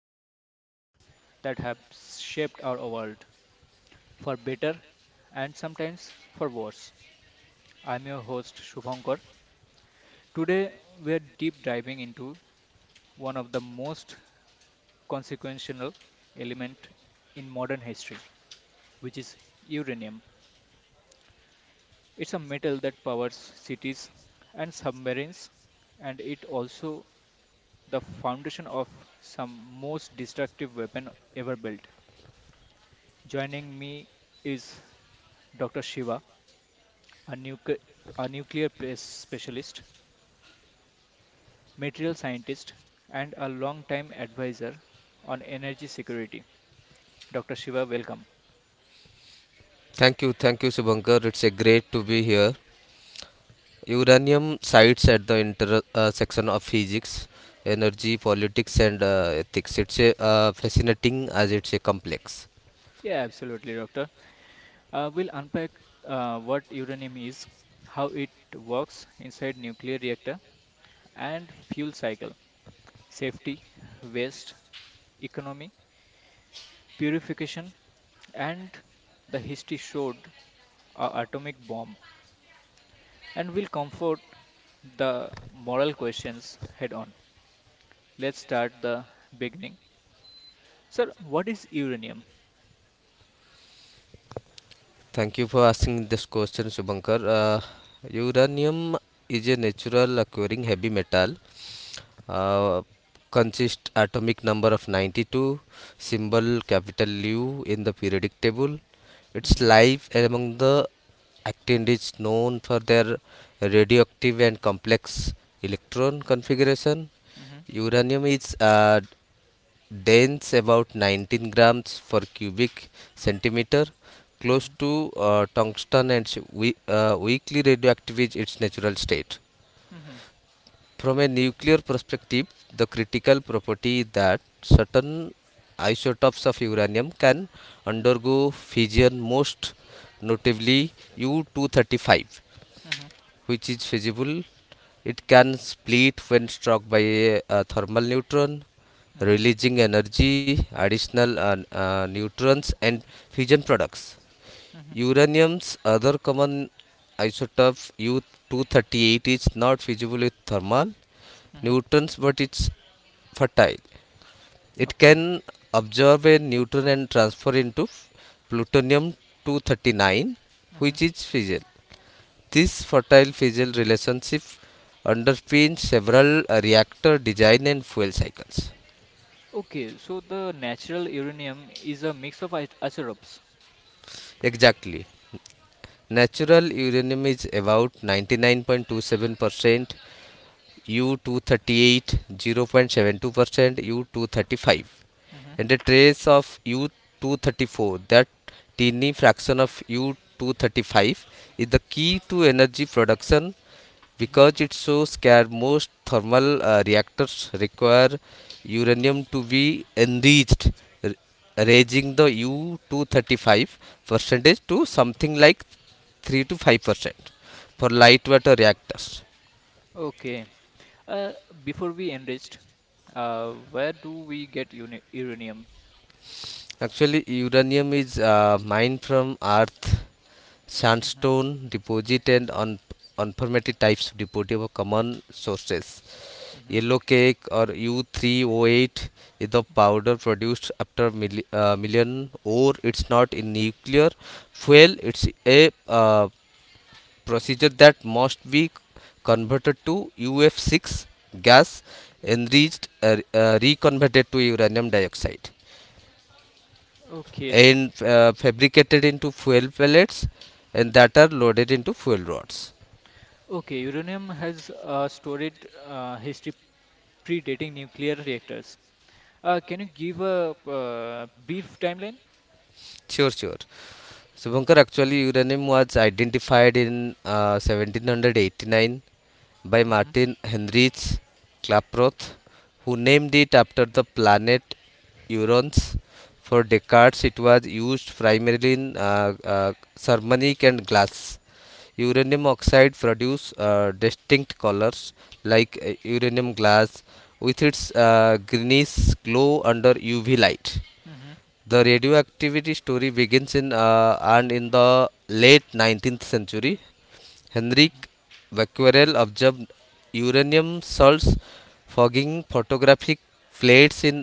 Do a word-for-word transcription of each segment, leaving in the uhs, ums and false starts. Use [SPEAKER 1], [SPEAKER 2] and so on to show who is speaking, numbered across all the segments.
[SPEAKER 1] the materials that have shaped our world for better and sometimes for worse. I'm your host Shubhankar. Today we are deep diving into one of the most consequential element in modern history, which is uranium. It's a metal that powers cities and submarines and it also the foundation of some most destructive weapon ever built. Joining me is doctor Shiva, a, nucle- a nuclear place specialist, material scientist, and a long-time advisor on energy security. doctor Shiva, welcome.
[SPEAKER 2] Thank you, thank you, Subankar. It's a great to be here. Uranium sites at the inter uh, section of physics, energy, politics, and uh, ethics. It's a uh, fascinating as it's a complex.
[SPEAKER 1] Yeah, absolutely, Doctor. Uh, we'll unpack uh, what uranium is, how it works inside nuclear reactor, and fuel cycle, safety, waste, economy, purification, and the history showed a atomic bomb and will comfort the moral questions head on. Let's start the beginning. Sir, what is uranium?
[SPEAKER 2] Thank you for asking this question, Subankar. Uh, uranium is a natural occurring heavy metal. Uh, Consist atomic number of ninety-two, symbol capital U in the periodic table. Its
[SPEAKER 1] Mhm.
[SPEAKER 2] life among the actin is known for their radioactive and complex electron configuration.
[SPEAKER 1] mhm,
[SPEAKER 2] Uranium is uh, dense about nineteen grams for cubic centimeter close
[SPEAKER 1] mhm,
[SPEAKER 2] to uh, tungsten, and we, uh, weakly radioactive is its natural state.
[SPEAKER 1] mhm,
[SPEAKER 2] From a nuclear perspective, the critical property is that certain isotopes of uranium can undergo fission, most notably U two thirty-five,
[SPEAKER 1] mhm,
[SPEAKER 2] which is feasible. It can split when struck by a, a thermal neutron,
[SPEAKER 1] mhm,
[SPEAKER 2] releasing energy, additional uh, uh, neutrons, and fission products.
[SPEAKER 1] mhm,
[SPEAKER 2] Uranium's other common isotope U two thirty-eight is not feasible with thermal
[SPEAKER 1] mhm.
[SPEAKER 2] neutrons, but it's fertile. It
[SPEAKER 1] Okay.
[SPEAKER 2] can absorb a neutron and transfer into plutonium two thirty-nine,
[SPEAKER 1] mhm.
[SPEAKER 2] which is fission. This fertile fissile relationship underpins several uh, reactor design and fuel cycles.
[SPEAKER 1] Okay, so the natural uranium is a mix of iso- isotopes.
[SPEAKER 2] Exactly. Natural uranium is about ninety-nine point two seven percent U two thirty-eight, zero point seven two percent, U two thirty-five,
[SPEAKER 1] Mhm,
[SPEAKER 2] and a trace of U two thirty-four. That tiny fraction of U two thirty-five is the key to energy production,
[SPEAKER 1] mhm.
[SPEAKER 2] because it shows that most thermal uh, reactors require uranium to be enriched, raising the U two thirty-five percentage to something like three to five percent for light water reactors.
[SPEAKER 1] Okay. Uh, before we enriched, uh, where do we get uni uranium?
[SPEAKER 2] Actually, uranium is uh, mined from earth
[SPEAKER 1] Mhm,
[SPEAKER 2] sandstone deposit and on unpermitted types of deposit of common sources.
[SPEAKER 1] mhm.
[SPEAKER 2] Yellow cake or U three oh eight is the powder produced after milli uh, million ore. It's not in nuclear fuel. It's a uh, procedure that must be converted to U F six gas, enriched, uh, uh, reconverted to uranium dioxide,
[SPEAKER 1] Okay.
[SPEAKER 2] and uh, fabricated into fuel pellets, and that are loaded into fuel rods.
[SPEAKER 1] Okay. Uranium has a storied uh, history predating nuclear reactors. Uh, can you give a uh, brief timeline?
[SPEAKER 2] Sure, sure. So, Bhankar, actually, uranium was identified in uh, seventeen eighty-nine by
[SPEAKER 1] Mhm,
[SPEAKER 2] Martin Heinrich Klaproth, who named it after the planet Uranus. For decades, it was used primarily in uh, uh, ceramic and glass. Uranium oxide produce uh, distinct colors like uh, uranium glass with its uh, greenish glow under U V light.
[SPEAKER 1] mhm,
[SPEAKER 2] The radioactivity story begins in uh, and in the late nineteenth century. Henrik
[SPEAKER 1] mhm,
[SPEAKER 2] Becquerel observed uranium salts fogging photographic plates in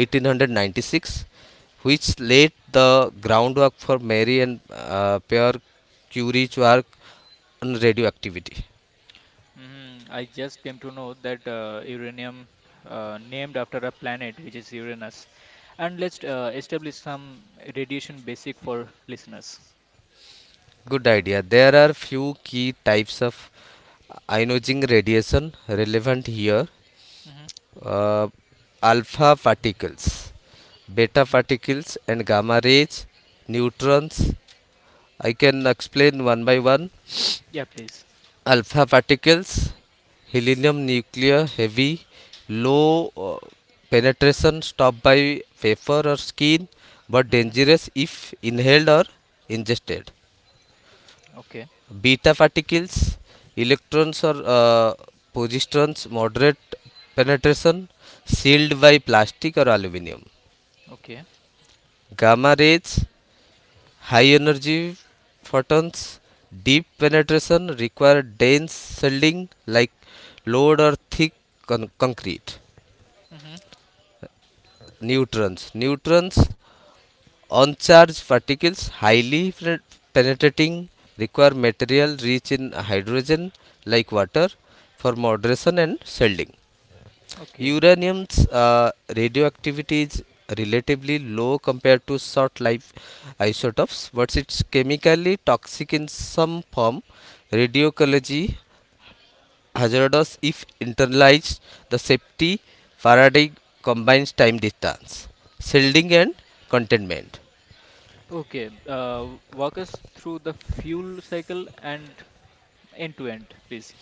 [SPEAKER 2] eighteen ninety-six, which laid the groundwork for Marie and uh, Pierre Curie's work on radioactivity.
[SPEAKER 1] mhm. I just came to know that uh, uranium uh, named after a planet which is Uranus. And let's uh, establish some radiation basic for listeners.
[SPEAKER 2] Good idea. There are few key types of ionizing radiation relevant here.
[SPEAKER 1] Mhm.
[SPEAKER 2] uh, Alpha particles, beta
[SPEAKER 1] mhm.
[SPEAKER 2] particles and gamma rays, neutrons. I can explain one by one.
[SPEAKER 1] Yeah, please.
[SPEAKER 2] Alpha particles, helium nuclear heavy, low uh, penetration stopped by paper or skin, but
[SPEAKER 1] Mhm.
[SPEAKER 2] dangerous if inhaled or ingested.
[SPEAKER 1] Okay.
[SPEAKER 2] Beta particles, electrons or uh, positrons moderate penetration sealed by plastic or aluminium.
[SPEAKER 1] Okay.
[SPEAKER 2] Gamma rays, high energy photons, deep penetration require dense shielding like load or thick con- concrete.
[SPEAKER 1] Mhm.
[SPEAKER 2] Neutrons, neutrons uncharged particles highly penetrating require material rich in hydrogen like water for moderation and shielding.
[SPEAKER 1] Okay.
[SPEAKER 2] Uranium's uh, radioactivity is relatively low compared to short life isotopes, but it's chemically toxic in some form. Radioecology hazardous if internalized. The safety paradigm combines time distance, shielding, and containment.
[SPEAKER 1] Okay, uh, walk us through the fuel cycle and end to end, please.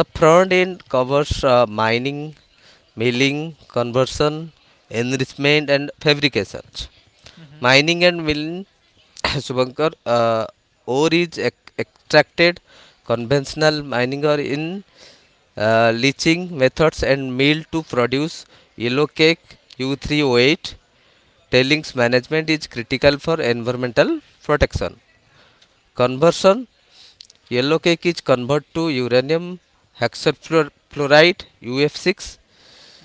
[SPEAKER 2] The front end covers uh, mining, milling, conversion, enrichment, and fabrication.
[SPEAKER 1] Mm-hmm.
[SPEAKER 2] Mining and milling, Subankar, uh, ore is ec- extracted conventional mining or in uh, leaching methods and milled to produce yellow cake U three oh eight. Tailings management is critical for environmental protection. Conversion. Yellow cake is converted to uranium hexafluoride U F six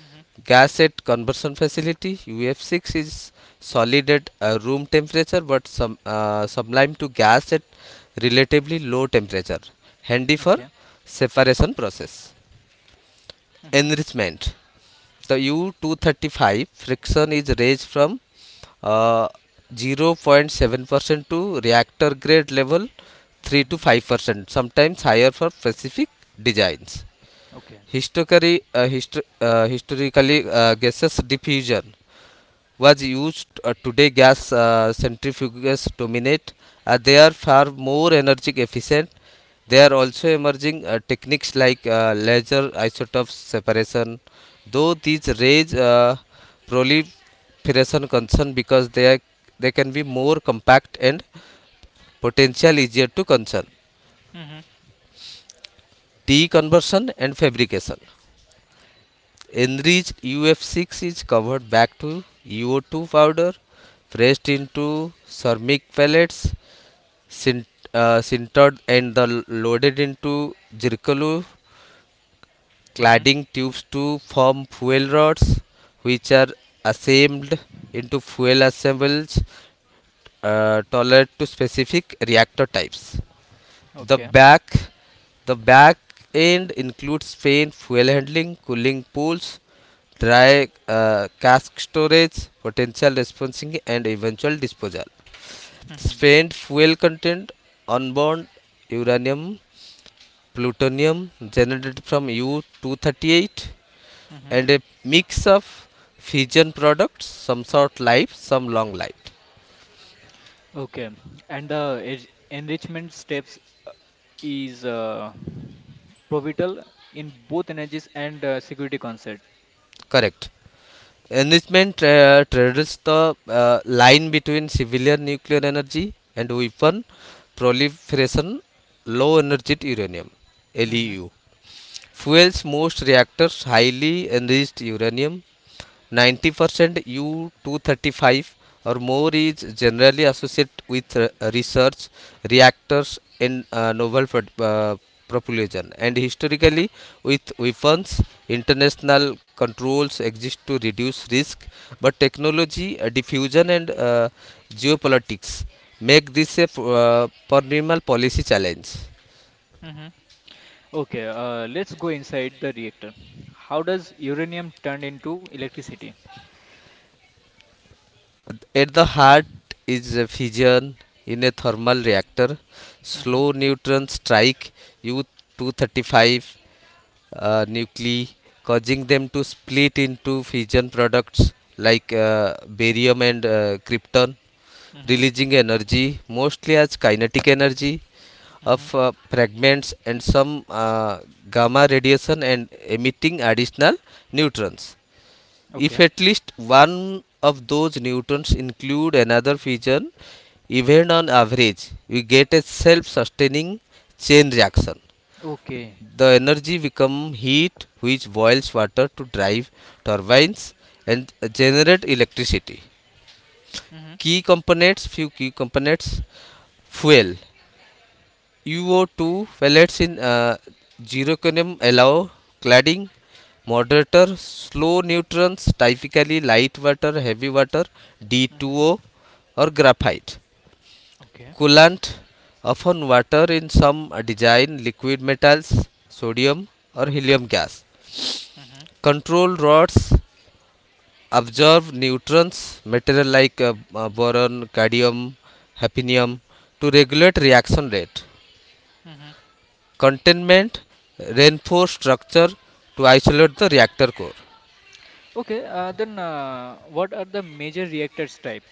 [SPEAKER 1] Mm-hmm.
[SPEAKER 2] gas at conversion facility. U F six is solid at uh, room temperature but sum, uh, sublimed to gas at relatively low temperature. Handy for
[SPEAKER 1] Okay.
[SPEAKER 2] separation process.
[SPEAKER 1] Mm-hmm.
[SPEAKER 2] Enrichment, the U two thirty-five friction is raised from uh, zero point seven percent to reactor grade level three to
[SPEAKER 1] Mm-hmm.
[SPEAKER 2] five percent, sometimes higher for specific designs.
[SPEAKER 1] Okay.
[SPEAKER 2] Historically uh, histo- uh, historically uh, gaseous diffusion was used. Uh, today, gas uh, centrifuges dominate. Uh, they are far more energy efficient. They are also emerging uh, techniques like uh, laser isotope separation, though these raise uh, proliferation concern because they are, they can be more compact and potential easier to concern.
[SPEAKER 1] Mm-hmm.
[SPEAKER 2] Deconversion and fabrication. Enriched U F six is covered back to U O two powder, pressed into ceramic pellets, sint- uh, sintered and the loaded into zircalo
[SPEAKER 1] Mm-hmm.
[SPEAKER 2] cladding tubes to form fuel rods, which are assembled into fuel assembles uh, tolerant to specific reactor types. The
[SPEAKER 1] Okay.
[SPEAKER 2] back the back end includes paint, fuel handling, cooling pools, dry uh, cask storage, potential responsing, and eventual disposal.
[SPEAKER 1] Mm-hmm.
[SPEAKER 2] Spent fuel content onboard uranium, plutonium generated from U two thirty-eight,
[SPEAKER 1] Mm-hmm.
[SPEAKER 2] and a mix of fission products, some short life, some long life.
[SPEAKER 1] Okay. And the eg- enrichment steps uh, is uh, pivotal in both energies and uh, security concept.
[SPEAKER 2] Correct. Enrichment tra- straddles the uh, line between civilian nuclear energy and weapon proliferation, low energy uranium
[SPEAKER 1] Mm-hmm.
[SPEAKER 2] (L E U). Fuels most reactors. Highly enriched uranium, ninety percent U two thirty-five or more, is generally associated with re- research reactors in uh, novel pro- uh, propulsion, and historically with weapons. International controls exist to reduce risk, but technology uh, diffusion and uh, geopolitics make this a uh, perennial policy challenge.
[SPEAKER 1] Mm-hmm. Okay. Uh, let's go inside the reactor. How does uranium turn into electricity?
[SPEAKER 2] At the heart is a fission in a thermal reactor.
[SPEAKER 1] Mm-hmm.
[SPEAKER 2] Slow neutron strike U two thirty-five uh, nuclei, causing them to split into fission products like uh, barium and uh, krypton,
[SPEAKER 1] Mm-hmm.
[SPEAKER 2] releasing energy mostly as kinetic energy of uh, fragments and some uh, gamma radiation, and emitting additional neutrons. If
[SPEAKER 1] Okay.
[SPEAKER 2] at least one of those newtons include another fission event on average, we get a self-sustaining chain reaction.
[SPEAKER 1] Okay.
[SPEAKER 2] The energy becomes heat which boils water to drive turbines and generate electricity.
[SPEAKER 1] Mhm.
[SPEAKER 2] Key components, few key components. Fuel, U O two pellets in uh, zirconium allow cladding. Moderator, slow neutrons, typically light water, heavy water
[SPEAKER 1] Mhm.
[SPEAKER 2] D two O or graphite.
[SPEAKER 1] Okay.
[SPEAKER 2] Coolant, often water in some uh, design, liquid metals sodium or helium gas.
[SPEAKER 1] Mhm.
[SPEAKER 2] Control rods, absorb neutrons, material like uh, uh, boron cadmium hafnium, to regulate reaction rate.
[SPEAKER 1] Mhm.
[SPEAKER 2] Containment, reinforced structure to isolate the reactor core.
[SPEAKER 1] Okay. Uh, then, uh, what are the major reactors type?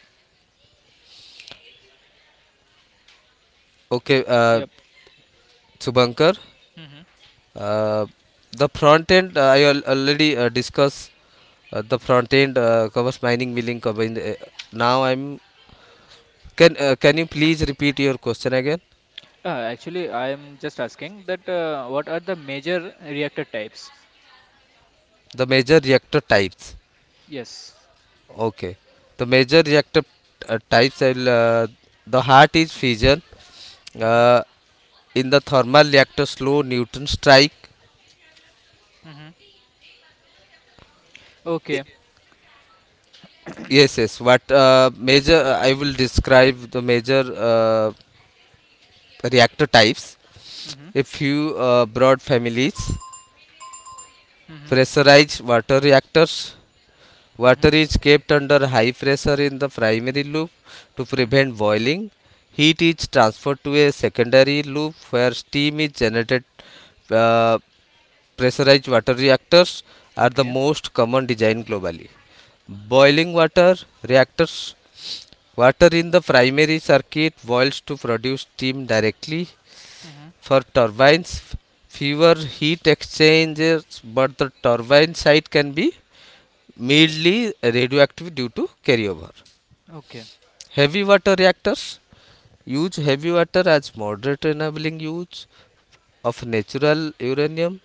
[SPEAKER 2] Okay, uh,
[SPEAKER 1] Yep.
[SPEAKER 2] Subankar,
[SPEAKER 1] Mhm.
[SPEAKER 2] uh, the front end, uh, I al- already uh, discussed. Uh, the front end uh, covers mining milling combined. uh, now I'm can uh, can you please repeat your question again?
[SPEAKER 1] Uh, actually, I am just asking that uh, what are the major reactor types?
[SPEAKER 2] The major reactor types.
[SPEAKER 1] Yes.
[SPEAKER 2] Okay, the major reactor uh, types. I'll, uh, the heart is fission
[SPEAKER 1] Mhm.
[SPEAKER 2] uh, in the thermal reactor slow neutron strike.
[SPEAKER 1] Mhm. Okay.
[SPEAKER 2] Yes, yes. What uh, major uh, I will describe the major uh, reactor types.
[SPEAKER 1] Mhm.
[SPEAKER 2] A few uh, broad families.
[SPEAKER 1] Mhm.
[SPEAKER 2] Pressurized water reactors.
[SPEAKER 1] Mhm.
[SPEAKER 2] Water is kept under high pressure in the primary loop to
[SPEAKER 1] Mhm.
[SPEAKER 2] prevent boiling. Heat is transferred to a secondary loop where steam is generated. Uh, Pressurized water reactors are the
[SPEAKER 1] Okay.
[SPEAKER 2] most common design globally. Boiling water reactors. Water in the primary circuit boils to produce steam directly
[SPEAKER 1] Mhm.
[SPEAKER 2] for turbines, fewer heat exchangers, but the turbine site can be mildly radioactive due to carryover.
[SPEAKER 1] Okay.
[SPEAKER 2] Heavy water reactors use heavy water as moderate, enabling use of natural uranium,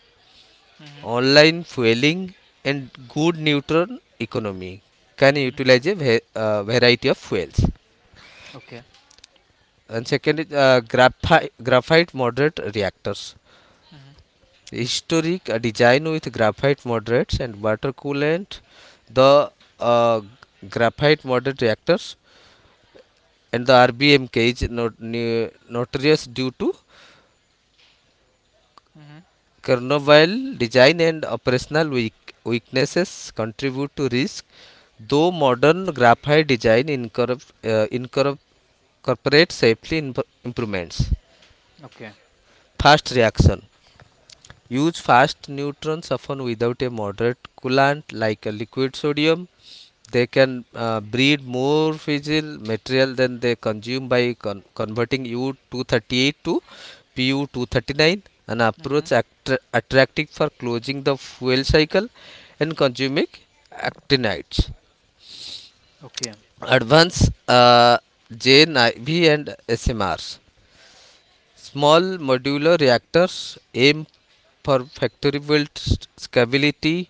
[SPEAKER 1] Mhm.
[SPEAKER 2] online fueling, and good neutron economy. Can
[SPEAKER 1] Mhm.
[SPEAKER 2] utilize a uh, variety of fuels.
[SPEAKER 1] Okay.
[SPEAKER 2] And second is uh, graphi- graphite moderate reactors.
[SPEAKER 1] Mhm.
[SPEAKER 2] Historic uh, design with graphite moderates and water coolant. The uh, graphite moderate reactors and the rbm cage, not, notorious due to
[SPEAKER 1] Mhm.
[SPEAKER 2] Chernobyl design and operational weak- weaknesses, contribute to risk. Though modern graphite design incorpor- uh, incorpor- incorporates safely imp- improvements.
[SPEAKER 1] Okay.
[SPEAKER 2] Fast reaction. Use fast neutrons often without a moderate coolant like a liquid sodium. They can uh, breed more fissile material than they consume by con- converting U two thirty-eight to P U two thirty-nine, an
[SPEAKER 1] Mhm.
[SPEAKER 2] approach attra- attractive for closing the fuel cycle and consuming actinides.
[SPEAKER 1] Okay.
[SPEAKER 2] Advanced uh, J N I V and S M Rs. Small modular reactors aim for factory built stability,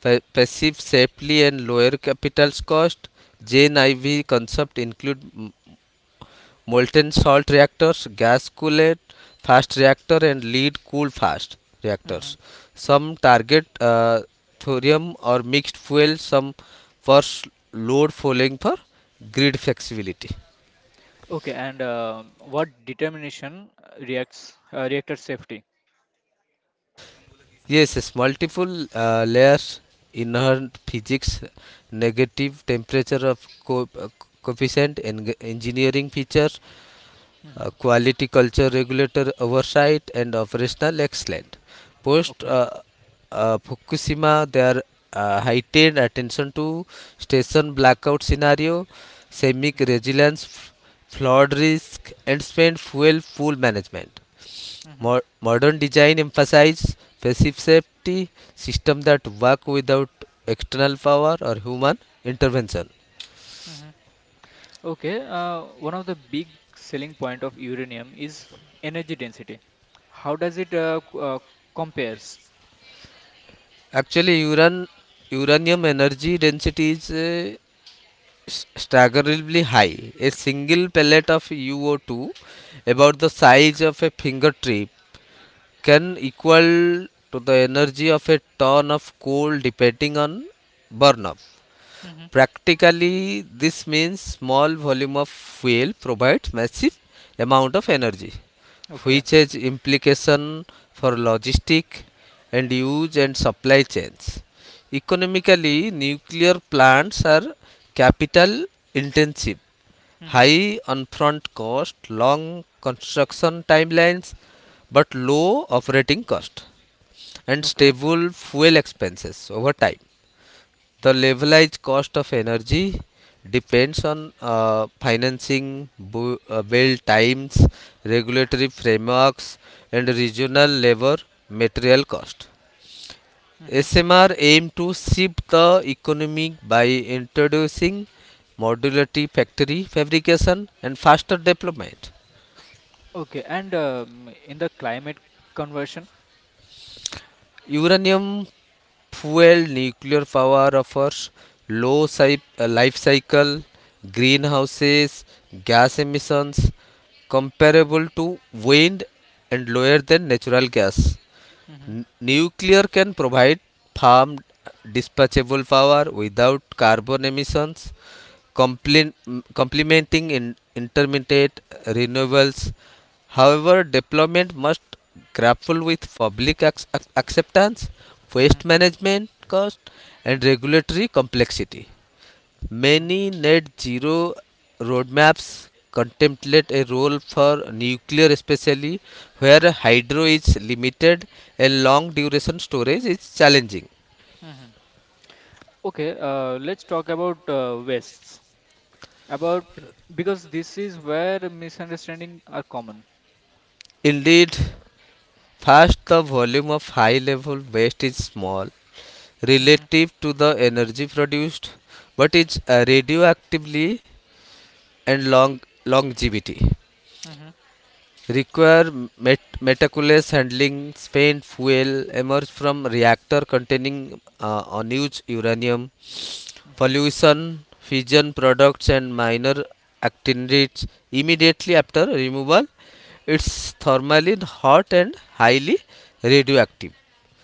[SPEAKER 2] Pa- passive safely and lower capital cost. Gen four concept include m- molten salt reactors, gas cooled fast reactor and lead cooled fast reactors.
[SPEAKER 1] Mhm.
[SPEAKER 2] Some target uh, thorium or mixed fuel, some for s- load following for grid flexibility.
[SPEAKER 1] Okay, and uh, what determination reacts uh, reactor safety?
[SPEAKER 2] Yes, yes, multiple uh, layers, inherent physics, negative temperature of co- uh, coefficient, and engineering features, uh,
[SPEAKER 1] Hmm.
[SPEAKER 2] quality culture regulator oversight and operational excellence. Post
[SPEAKER 1] Okay.
[SPEAKER 2] uh, uh, Fukushima, there uh, heightened attention to station blackout scenario, seismic
[SPEAKER 1] Hmm.
[SPEAKER 2] resilience, flood risk, and spent fuel pool management.
[SPEAKER 1] Hmm.
[SPEAKER 2] Mo- modern design emphasizes passive safety system that work without external power or human intervention.
[SPEAKER 1] Hmm. Okay. Uh, one of the big selling point of uranium is energy density. How does it uh, c- uh, compares?
[SPEAKER 2] Actually, uran uranium energy density is uh, s- staggeringly high. A single pellet of U O two, about the size of a finger tip, can equal to the energy of a ton of coal depending on burnup.
[SPEAKER 1] Hmm.
[SPEAKER 2] Practically, this means small volume of fuel provides massive amount of energy,
[SPEAKER 1] Okay.
[SPEAKER 2] which has implication for logistic and use and supply chains. Economically, nuclear plants are capital intensive,
[SPEAKER 1] Hmm.
[SPEAKER 2] high upfront cost, long construction timelines, but low operating cost and
[SPEAKER 1] Okay.
[SPEAKER 2] stable fuel expenses over time. The levelized cost of energy depends on uh, financing, bu- uh, build times, regulatory frameworks, and regional labor material cost.
[SPEAKER 1] Hmm.
[SPEAKER 2] S M R aim to shift the economy by introducing modularity factory fabrication and faster development.
[SPEAKER 1] Okay. And um, in the climate conversion.
[SPEAKER 2] Uranium fuel nuclear power offers low uh, life cycle greenhouses gas emissions comparable to wind and lower than natural gas.
[SPEAKER 1] Hmm.
[SPEAKER 2] N- nuclear can provide firm dispatchable power without carbon emissions, complen- complementing in intermittent renewables. However, deployment must grapple with public ac- acceptance,
[SPEAKER 1] Hmm.
[SPEAKER 2] waste management cost, and regulatory complexity.
[SPEAKER 1] hmm
[SPEAKER 2] Many net zero roadmaps contemplate a role for nuclear, especially where hydro is limited and long duration storage is challenging.
[SPEAKER 1] hmm Okay. Uh, let's talk about uh, wastes. About because this is where misunderstanding are common.
[SPEAKER 2] Indeed, first the volume of high level waste is small
[SPEAKER 1] Mhm.
[SPEAKER 2] relative to the energy produced, but it's uh, radioactively and long longevity.
[SPEAKER 1] mhm,
[SPEAKER 2] Require met- meticulous handling, spent fuel emerge from reactor containing uh, unused uranium,
[SPEAKER 1] mhm.
[SPEAKER 2] pollution, fission products, and minor actinides immediately after removal. It's thermally hot and highly radioactive.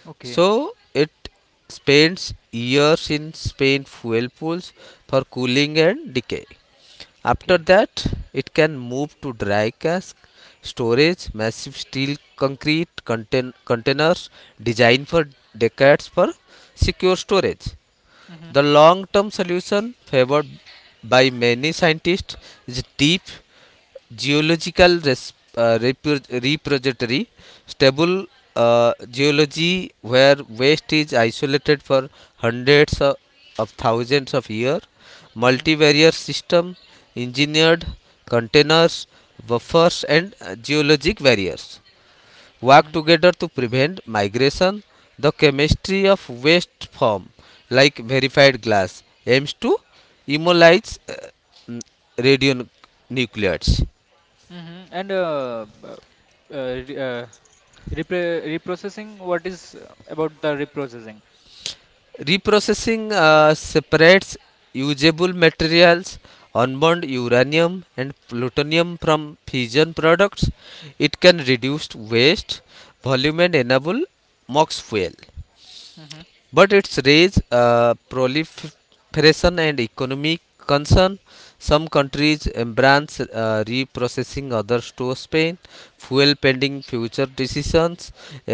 [SPEAKER 1] Okay,
[SPEAKER 2] So it spends years in Spain fuel pools for cooling and decay. After
[SPEAKER 1] okay.
[SPEAKER 2] that, it can move to dry cask storage, massive steel concrete contain- containers designed for decades for secure storage.
[SPEAKER 1] Mhm,
[SPEAKER 2] The long term solution favored by many scientists is deep geological res- uh, repro- repository, stable uh, geology where waste is isolated for hundreds of, of thousands of years.
[SPEAKER 1] mhm,
[SPEAKER 2] Multivariate system, engineered containers, buffers, and uh, geologic barriers work
[SPEAKER 1] mhm,
[SPEAKER 2] together to prevent migration. The chemistry of waste form, like verified glass, aims to immobilize uh, radionuclides.
[SPEAKER 1] mhm. And uh, uh, uh, re- uh, repro- reprocessing. What is uh, about the reprocessing?
[SPEAKER 2] Reprocessing uh, separates usable materials, unburned uranium and plutonium from fission products. It can reduce waste, volume, and enable MOX fuel.
[SPEAKER 1] Mhm,
[SPEAKER 2] But its raise uh, proliferation and economic concern. Some
[SPEAKER 1] mhm,
[SPEAKER 2] countries embrace uh, reprocessing, others to spain fuel pending future decisions.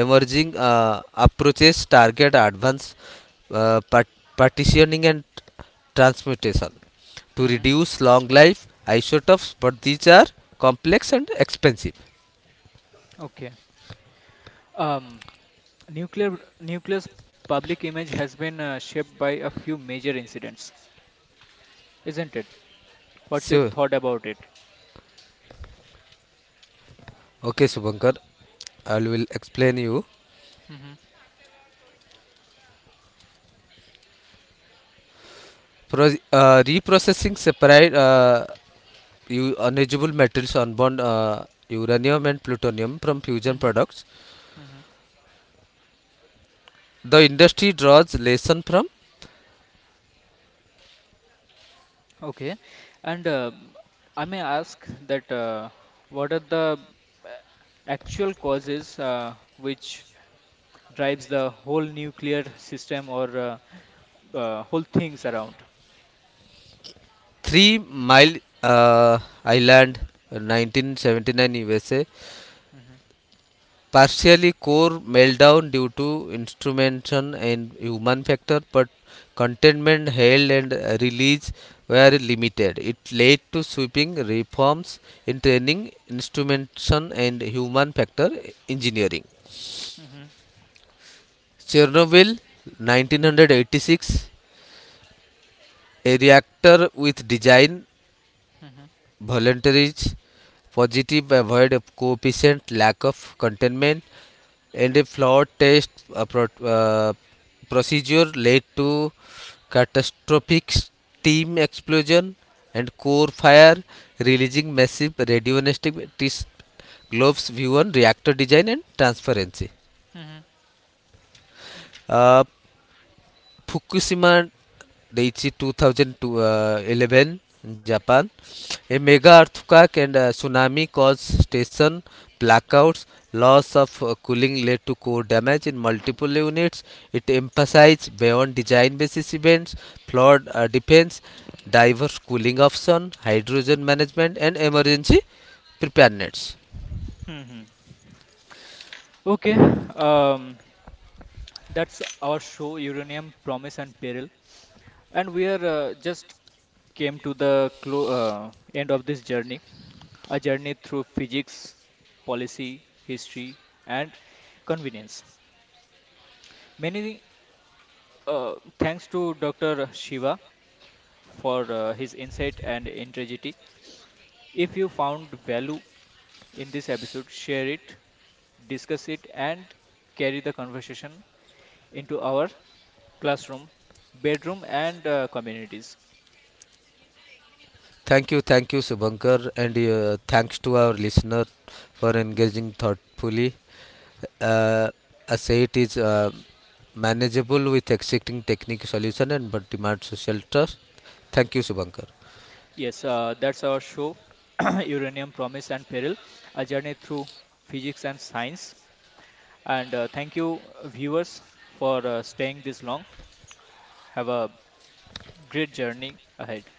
[SPEAKER 2] Emerging uh, approaches target advanced uh, part- partitioning and transmutation to
[SPEAKER 1] mhm.
[SPEAKER 2] reduce long life isotopes, but these are complex and expensive.
[SPEAKER 1] Okay. Um, nuclear nuclear's public image has been uh, shaped by a few major incidents, isn't it? What's your
[SPEAKER 2] So
[SPEAKER 1] thought about it?
[SPEAKER 2] okay, Subankar, I will explain you.
[SPEAKER 1] Mm-hmm.
[SPEAKER 2] Pro- uh, reprocessing separate uh, u- unusable metals, unbound uh, uranium and plutonium from fusion products.
[SPEAKER 1] Mm-hmm.
[SPEAKER 2] The industry draws lesson from
[SPEAKER 1] Okay, and uh, I may ask that uh, what are the uh, actual causes uh, which drives the whole nuclear system or uh, uh, whole things around?
[SPEAKER 2] Three Mile uh, Island, nineteen seventy-nine U S A,
[SPEAKER 1] Hmm
[SPEAKER 2] partially core meltdown due to instrumentation and human factor, but containment held and uh, release were limited. It led to sweeping reforms in training, instrumentation and human factor engineering.
[SPEAKER 1] hmm
[SPEAKER 2] Chernobyl nineteen eighty-six, a reactor with design
[SPEAKER 1] hmm
[SPEAKER 2] voluntaries, positive avoid coefficient, lack of containment, and a flawed test uh, pro- uh, procedure led to catastrophic steam explosion and core fire, releasing massive radionuclear globes view on reactor design and transparency.
[SPEAKER 1] hmm
[SPEAKER 2] Uh, Fukushima Daiichi twenty eleven, Japan. A
[SPEAKER 1] hmm
[SPEAKER 2] mega earthquake and uh, tsunami caused station blackouts. Loss of uh, cooling led to core damage in multiple units. It emphasized beyond design basis events, flood uh, defense, diverse cooling option, hydrogen management and emergency preparedness.
[SPEAKER 1] hmm. Okay, um, that's our show Uranium Promise and Peril, and we are uh, just came to the clo- uh, end of this journey, a journey through physics, policy, history, and convenience. Many uh, thanks to doctor Shiva for uh, his insight and integrity. If you found value in this episode, share it, discuss it, and carry the conversation into our classroom, bedroom, and uh, communities.
[SPEAKER 2] Thank you, thank you, Subhankar, and uh, thanks to our listener for engaging thoughtfully. Uh, I say it is uh, manageable with existing technical solution and but demands social trust. Thank you, Subhankar.
[SPEAKER 1] Yes, uh, that's our show, Uranium Promise and Peril, a journey through physics and science. And uh, thank you, uh, viewers, for uh, staying this long. Have a great journey ahead.